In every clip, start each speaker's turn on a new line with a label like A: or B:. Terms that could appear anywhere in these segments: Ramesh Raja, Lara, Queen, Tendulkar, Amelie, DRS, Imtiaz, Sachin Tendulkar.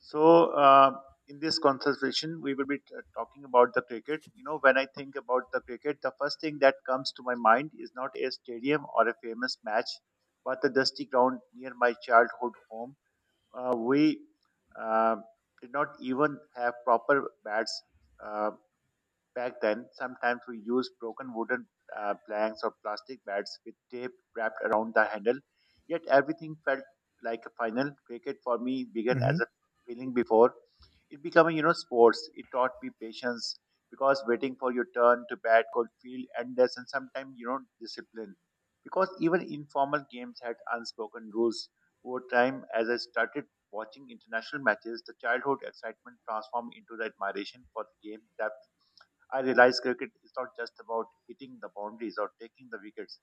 A: So, uh, in this conversation, we will be talking about the cricket. You know, when I think about the cricket, the first thing that comes to my mind is not a stadium or a famous match, but the dusty ground near my childhood home. We uh, did not even have proper bats. Uh, Back then, sometimes we used broken wooden planks or plastic bats with tape wrapped around the handle. Yet everything felt like a final. Cricket for me began
B: hmm
A: as a feeling before it becoming, you know, sports. It taught me patience because waiting for your turn to bat could feel endless and sometimes, you know, discipline. Because even informal games had unspoken rules. Over time, as I started watching international matches, the childhood excitement transformed into the admiration for the game that I realize cricket is not just about hitting the boundaries or taking the wickets,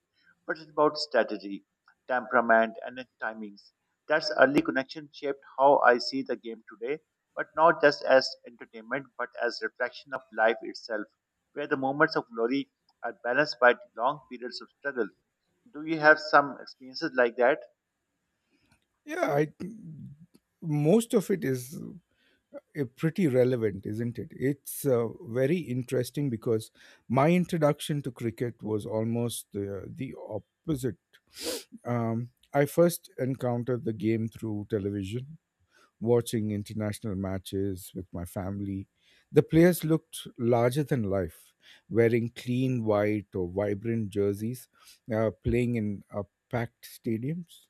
A: but it's about strategy, temperament, and then timings. That's early connection shaped how I see the game today, but not just as entertainment, but as reflection of life itself, where the moments of glory are balanced by long periods of struggle. Do you have some experiences like that?
B: Yeah, I most of it is pretty relevant, isn't it? It's very interesting because my introduction to cricket was almost the opposite. I first encountered the game through television, watching international matches with my family. The players looked larger than life, wearing clean white or vibrant jerseys, playing in packed stadiums.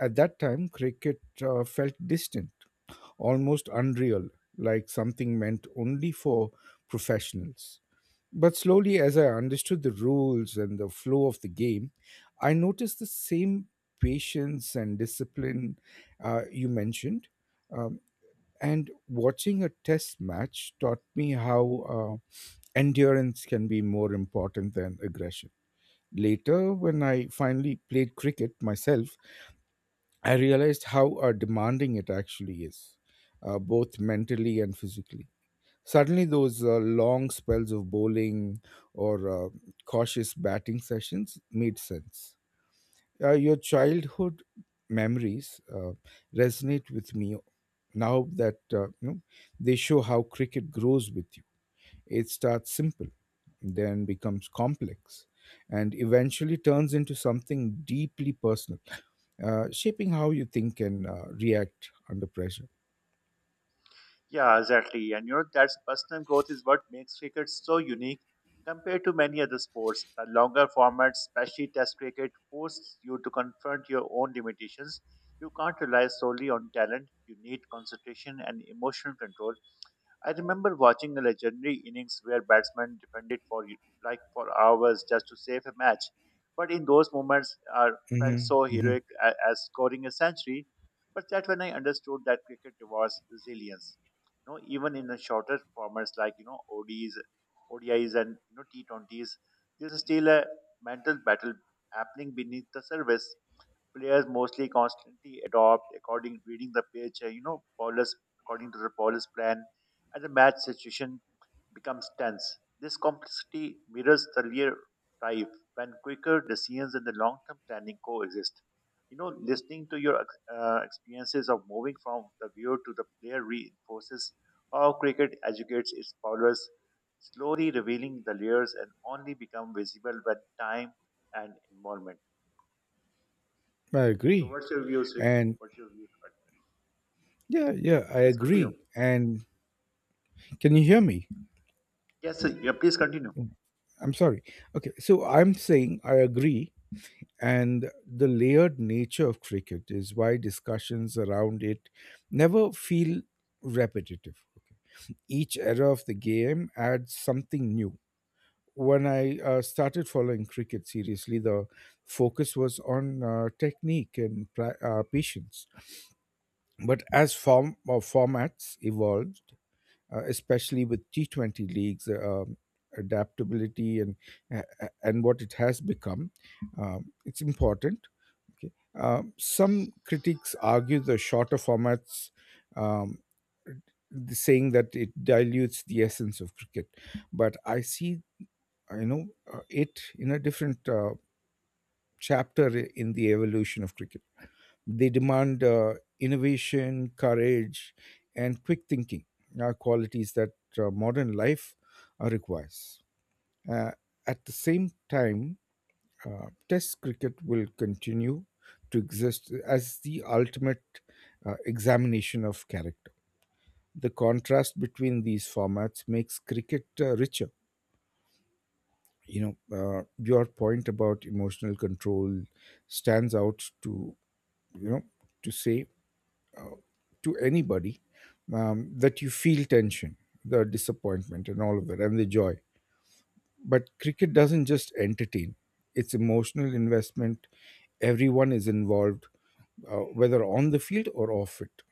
B: At that time, cricket felt distant, almost unreal, like something meant only for professionals. But slowly, as I understood the rules and the flow of the game, I noticed the same patience and discipline you mentioned. Um, and watching a test match taught me how endurance can be more important than aggression. Later, when I finally played cricket myself, I realized how demanding it actually is, both mentally and physically. Suddenly, those long spells of bowling or cautious batting sessions made sense. Your childhood memories resonate with me now that you know, they show how cricket grows with you. It starts simple, then becomes complex, and eventually turns into something deeply personal shaping how you think and react under pressure.
A: Yeah, exactly. And you know, that's personal growth is what makes cricket so unique compared to many other sports. The longer format, especially test cricket, forces you to confront your own limitations. You can't rely solely on talent. You need concentration and emotional control. I remember watching a legendary innings where batsmen defended for like for hours just to save a match. But in those moments, I felt
B: hmm
A: so
B: hmm
A: heroic as scoring a century. But that when I understood that cricket rewards resilience, you know, even in the shorter formats like you know ODs, ODIs, and you know T20s, there's still a mental battle happening beneath the surface. Players mostly constantly adopt according reading the pitch, you know, bowlers according to the bowler's plan, and the match situation becomes tense. This complexity mirrors the real life when quicker decisions and the long-term planning coexist. You know, listening to your experiences of moving from the viewer to the player reinforces how cricket educates its bowlers, slowly revealing the layers and only become visible when time and involvement.
B: I
A: So
B: agree.
A: what's your views?
B: And
A: What's your views on that?
B: yeah, I
A: Yes, continue.
B: agree. And can you hear me?
A: Yes, sir, yeah, please continue.
B: I'm sorry. Okay, so I'm saying I agree. And the layered nature of cricket is why discussions around it never feel repetitive. Okay. Each era of the game adds something new when I started following cricket seriously, the focus was on technique and patience. But as formats evolved, especially with T 20 leagues, adaptability and and what it has become, it's important. Okay, some critics argue the shorter formats. Um, Saying that it dilutes the essence of cricket, but I see you know it in a different chapter in the evolution of cricket. They demand innovation, courage, and quick thinking, are qualities that modern life requires. Uh, at the same time, Test cricket will continue to exist as the ultimate examination of character. The contrast between these formats makes cricket richer. You know, your point about emotional control stands out to, you know to say to anybody, that you feel tension, the disappointment and all of that and the joy, but cricket doesn't just entertain. It's emotional investment. Everyone is involved, whether on the field or off it.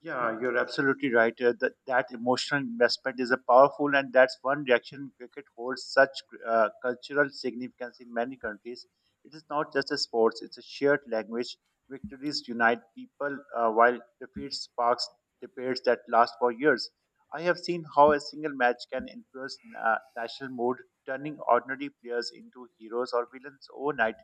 A: Yeah, you're absolutely right. That emotional investment is a powerful, and that's one reaction cricket holds such cultural significance in many countries. It is not just a sport; it's a shared language. Victories unite people, while defeats sparks debates that last for years. I have seen how a single match can influence national mood, turning ordinary players into heroes or villains overnight.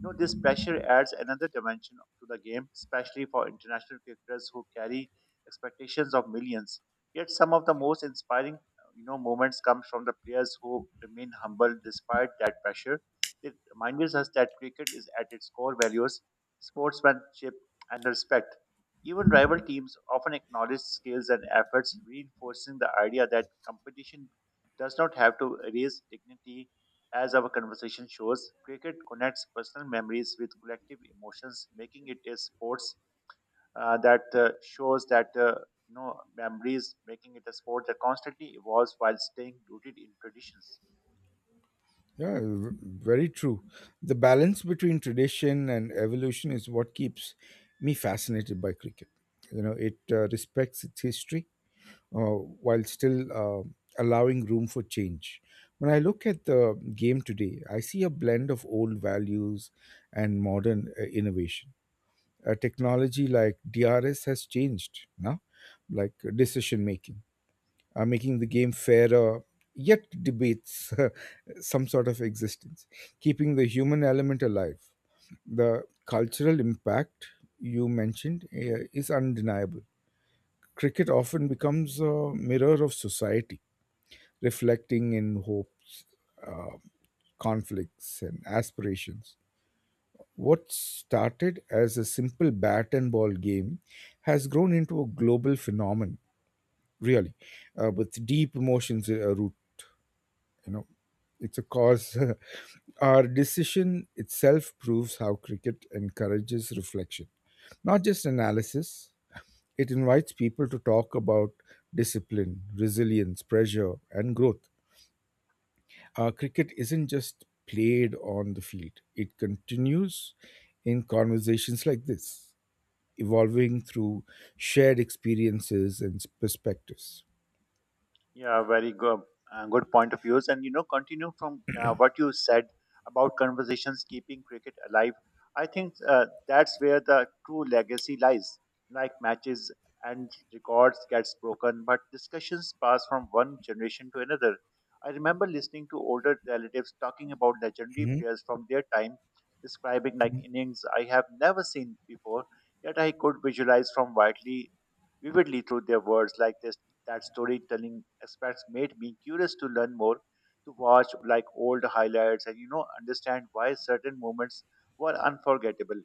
A: You know, this pressure adds another dimension to the game, especially for international cricketers who carry expectations of millions. Yet some of the most inspiring, you know, moments come from the players who remain humble despite that pressure. It reminds us that cricket is at its core values, sportsmanship, and respect. Even rival teams often acknowledge skills and efforts, reinforcing the idea that competition does not have to erase dignity as our conversation shows, cricket connects personal memories with collective emotions, making it a sport that shows that memories, making it a sport that constantly evolves while staying rooted in traditions.
B: Yeah, very true. The balance between tradition and evolution is what keeps me fascinated by cricket. You know, it respects its history, uh, while still allowing room for change. When I look at the game today, I see a blend of old values and modern innovation. A technology like DRS has changed now, like decision making, making the game fairer, yet debates some sort of existence, keeping the human element alive. The cultural impact you mentioned is undeniable. Cricket often becomes a mirror of society, reflecting in hopes, uh, conflicts, and aspirations. What started as a simple bat and ball game has grown into a global phenomenon, really, with deep emotions root. You know, it's a cause. Our decision itself proves how cricket encourages reflection, not just analysis. It invites people to talk about discipline, resilience, pressure, and growth. Cricket isn't just played on the field, it continues in conversations like this, evolving through shared experiences and perspectives.
A: Yeah, very good, good point of views. And you know, continue from what you said about conversations keeping cricket alive. I think that's where the true legacy lies. Like matches and records gets broken, but discussions pass from one generation to another. I remember listening to older relatives talking about legendary
B: Mhm.
A: players from their time, describing like
B: Mhm.
A: innings I have never seen before, yet I could visualize from widely vividly through their words, like they that storytelling aspects made me curious to learn more, to watch like old highlights and you know understand why certain moments were unforgettable.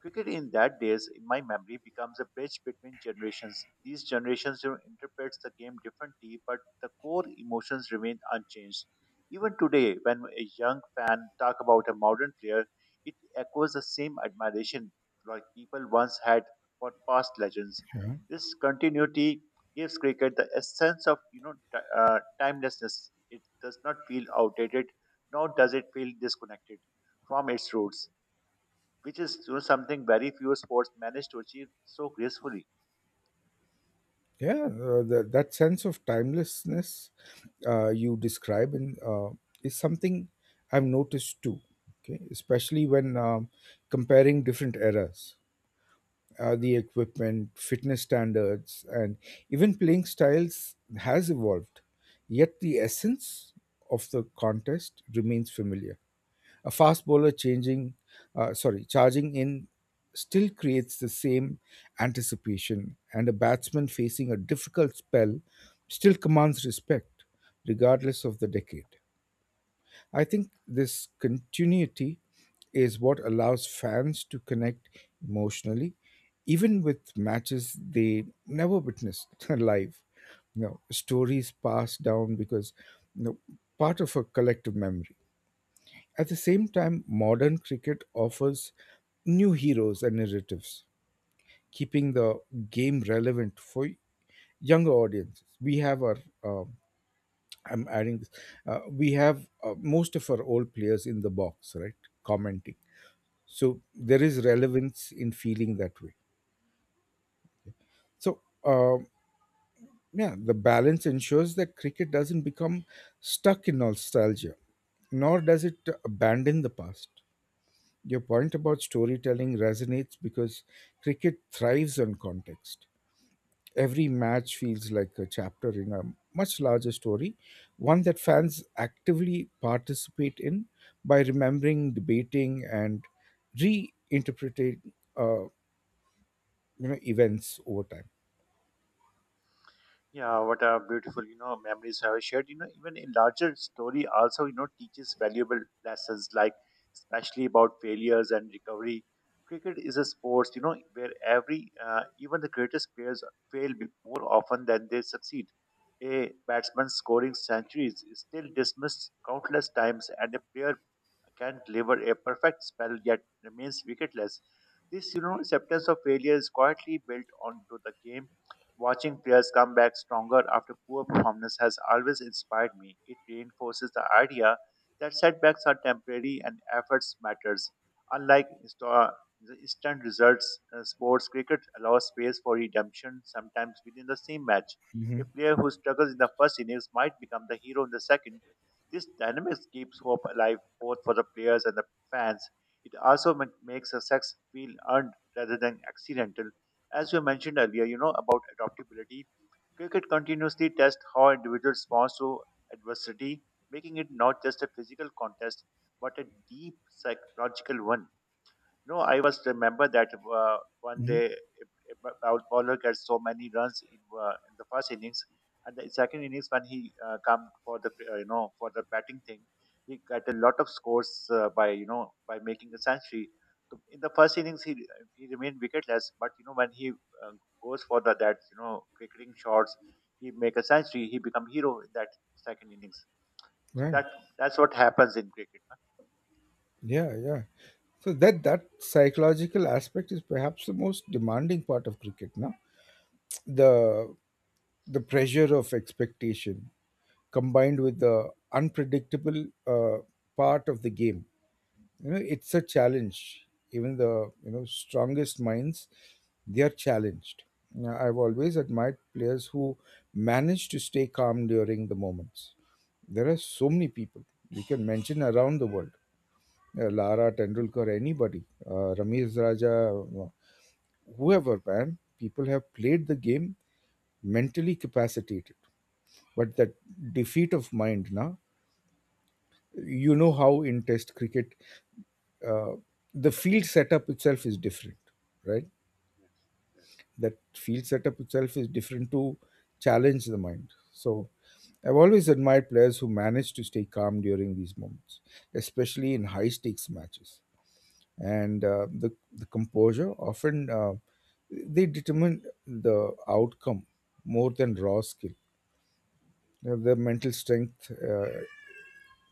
A: Cricket in that days, in my memory, becomes a bridge between generations. These generations you know, interprets the game differently, but the core emotions remain unchanged. Even today, when a young fan talk about a modern player, it echoes the same admiration like people once had for past legends. This continuity gives cricket the essence of you know timelessness. It does not feel outdated, nor does it feel disconnected from its roots which is you know, something very few sports manage to achieve so gracefully.
B: Yeah, that sense of timelessness you describe is something I've noticed too, okay? Especially when comparing different eras. The equipment, fitness standards, and even playing styles has evolved. Yet the essence of the contest remains familiar. A fast bowler charging in still creates the same anticipation, and a batsman facing a difficult spell still commands respect, regardless of the decade. I think this continuity is what allows fans to connect emotionally, even with matches they never witnessed live. You know, stories passed down because, you know, part of a collective memory. At the same time, modern cricket offers new heroes and narratives, keeping the game relevant for younger audiences. We have our uh, I'm adding this. We have most of our old players in the box, right? Commenting. So there is
A: Yes.
B: relevance in feeling that way. So, yeah, the balance ensures that cricket doesn't become stuck in nostalgia, nor does it abandon the past. Your point about storytelling resonates because cricket thrives on context. Every match feels like a chapter in a much larger story, one that fans actively participate in by remembering, debating, and reinterpreting you know events over time.
A: Yeah, what a beautiful, you know, memories have shared. You know, even a larger story also, you know, teaches valuable lessons like especially about failures and recovery. Cricket is a sport, you know, where every, even the greatest players fail more often than they succeed. A batsman scoring centuries is still dismissed countless times and a player can deliver a perfect spell yet remains wicketless. This, you know, acceptance of failure is quietly built onto the game. Watching players come back stronger after poor performance has always inspired me. It reinforces the idea that setbacks are temporary and efforts matters. Unlike the instant results, sports cricket allows space for redemption sometimes within the same match.
B: hmm
A: A player who struggles in the first innings might become the hero in the second. This dynamics keeps hope alive both for the players and the fans. It also makes success feel earned rather than accidental. As you mentioned earlier, you know, about adaptability, cricket continuously tests how individuals respond to adversity, making it not just a physical contest, but a deep psychological one. No, I was remember that one
B: hmm
A: day if bowler gets so many runs in the first innings, and the second innings when he come for the you know for the batting thing, he got a lot of scores by you know by making a century. So in the first innings he remained wicketless, but you know when he goes for the that you know cricketing shots, he make a century. He become hero in that second innings. So
B: Right.
A: that's what happens in cricket, na?
B: Yeah. Yeah. So that that psychological aspect is perhaps the most demanding part of cricket. Now, the the pressure of expectation combined with the unpredictable part of the game, you know, it's a challenge even the, you know, strongest minds, they are challenged. Now, I've always admired players who manage to stay calm during the moments. There are so many people we can mention around the world, Lara, Tendulkar, anybody, Ramesh Raja, uh, whoever man, people have played the game mentally capacitated, but that defeat of mind now, you know
A: Yes,
B: how in test cricket, uh, the field setup itself is different, right?
A: yes,
B: That field setup itself is different to challenge the mind. So I've always admired players who manage to stay calm during these moments, especially in high stakes matches. And the composure often they determine the outcome more than raw skill. Now, the mental strength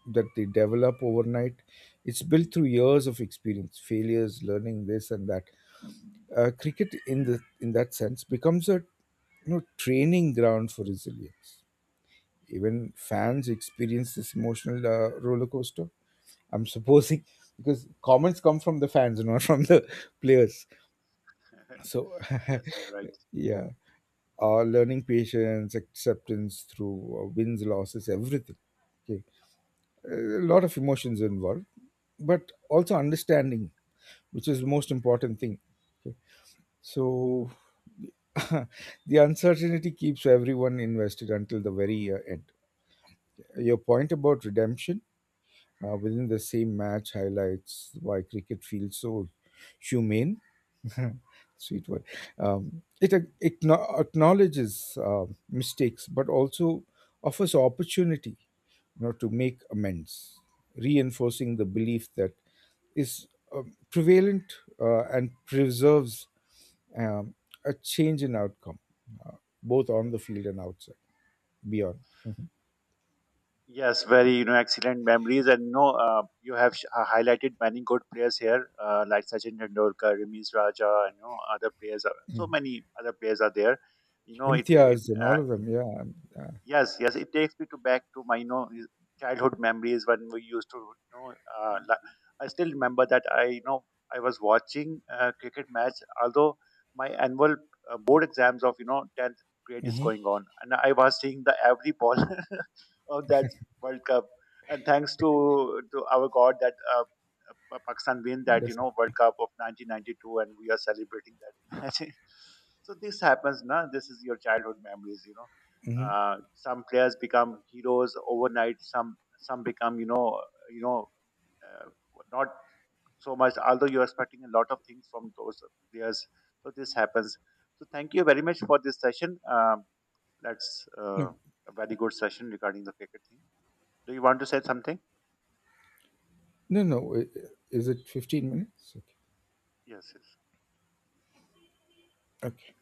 B: that they develop overnight, it's built through years of experience, failures, learning this and that. Cricket in that sense becomes a, you know, training ground for resilience. Even fans experience this emotional roller coaster. I'm supposing because comments come from the fans, not from the players.
A: yes.
B: So
A: Yes, you're right.
B: yeah, learning patience, acceptance through wins, losses, everything. Okay, a lot of emotions involved, but also understanding, which is the most important thing. Okay, so the uncertainty keeps everyone invested until the very end. Your point about redemption within the same match highlights why cricket feels so humane. Sweet word. It acknowledges mistakes, but also offers opportunity, you know, to make amends, reinforcing the belief that is prevalent and preserves um, a change in outcome, uh, both on the field and outside, beyond.
A: Yes, very you know excellent memories, and you know you have highlighted many good players here, like Sachin Tendulkar, Ramesh Raja, and you know other players. Are, so
B: Mm.
A: many other players are there. You know it.
B: Imtiaz and all of them, yeah.
A: Yes, yes, it takes me to back to my you know childhood memories when we used to you know. Uh, la- I still remember that I you know I was watching a cricket match, although my annual board exams of you know tenth grade is
B: Mhm.
A: going on, and I was seeing the every ball of that World Cup, and thanks to our God that. Pakistan win that you
B: Yes.
A: know World Cup of 1992, and we are celebrating that match. So this happens, now. This is your childhood memories, you know.
B: hmm
A: Some players become heroes overnight. Some become you know you know uh, not so much. Although you're expecting a lot of things from those players, so this happens. So thank you very much for this session. That's
B: No,
A: A very good session regarding the cricket thing. Do you want to say something?
B: no, no. Is it 15 minutes? Okay.
A: Yes, yes.
B: Okay.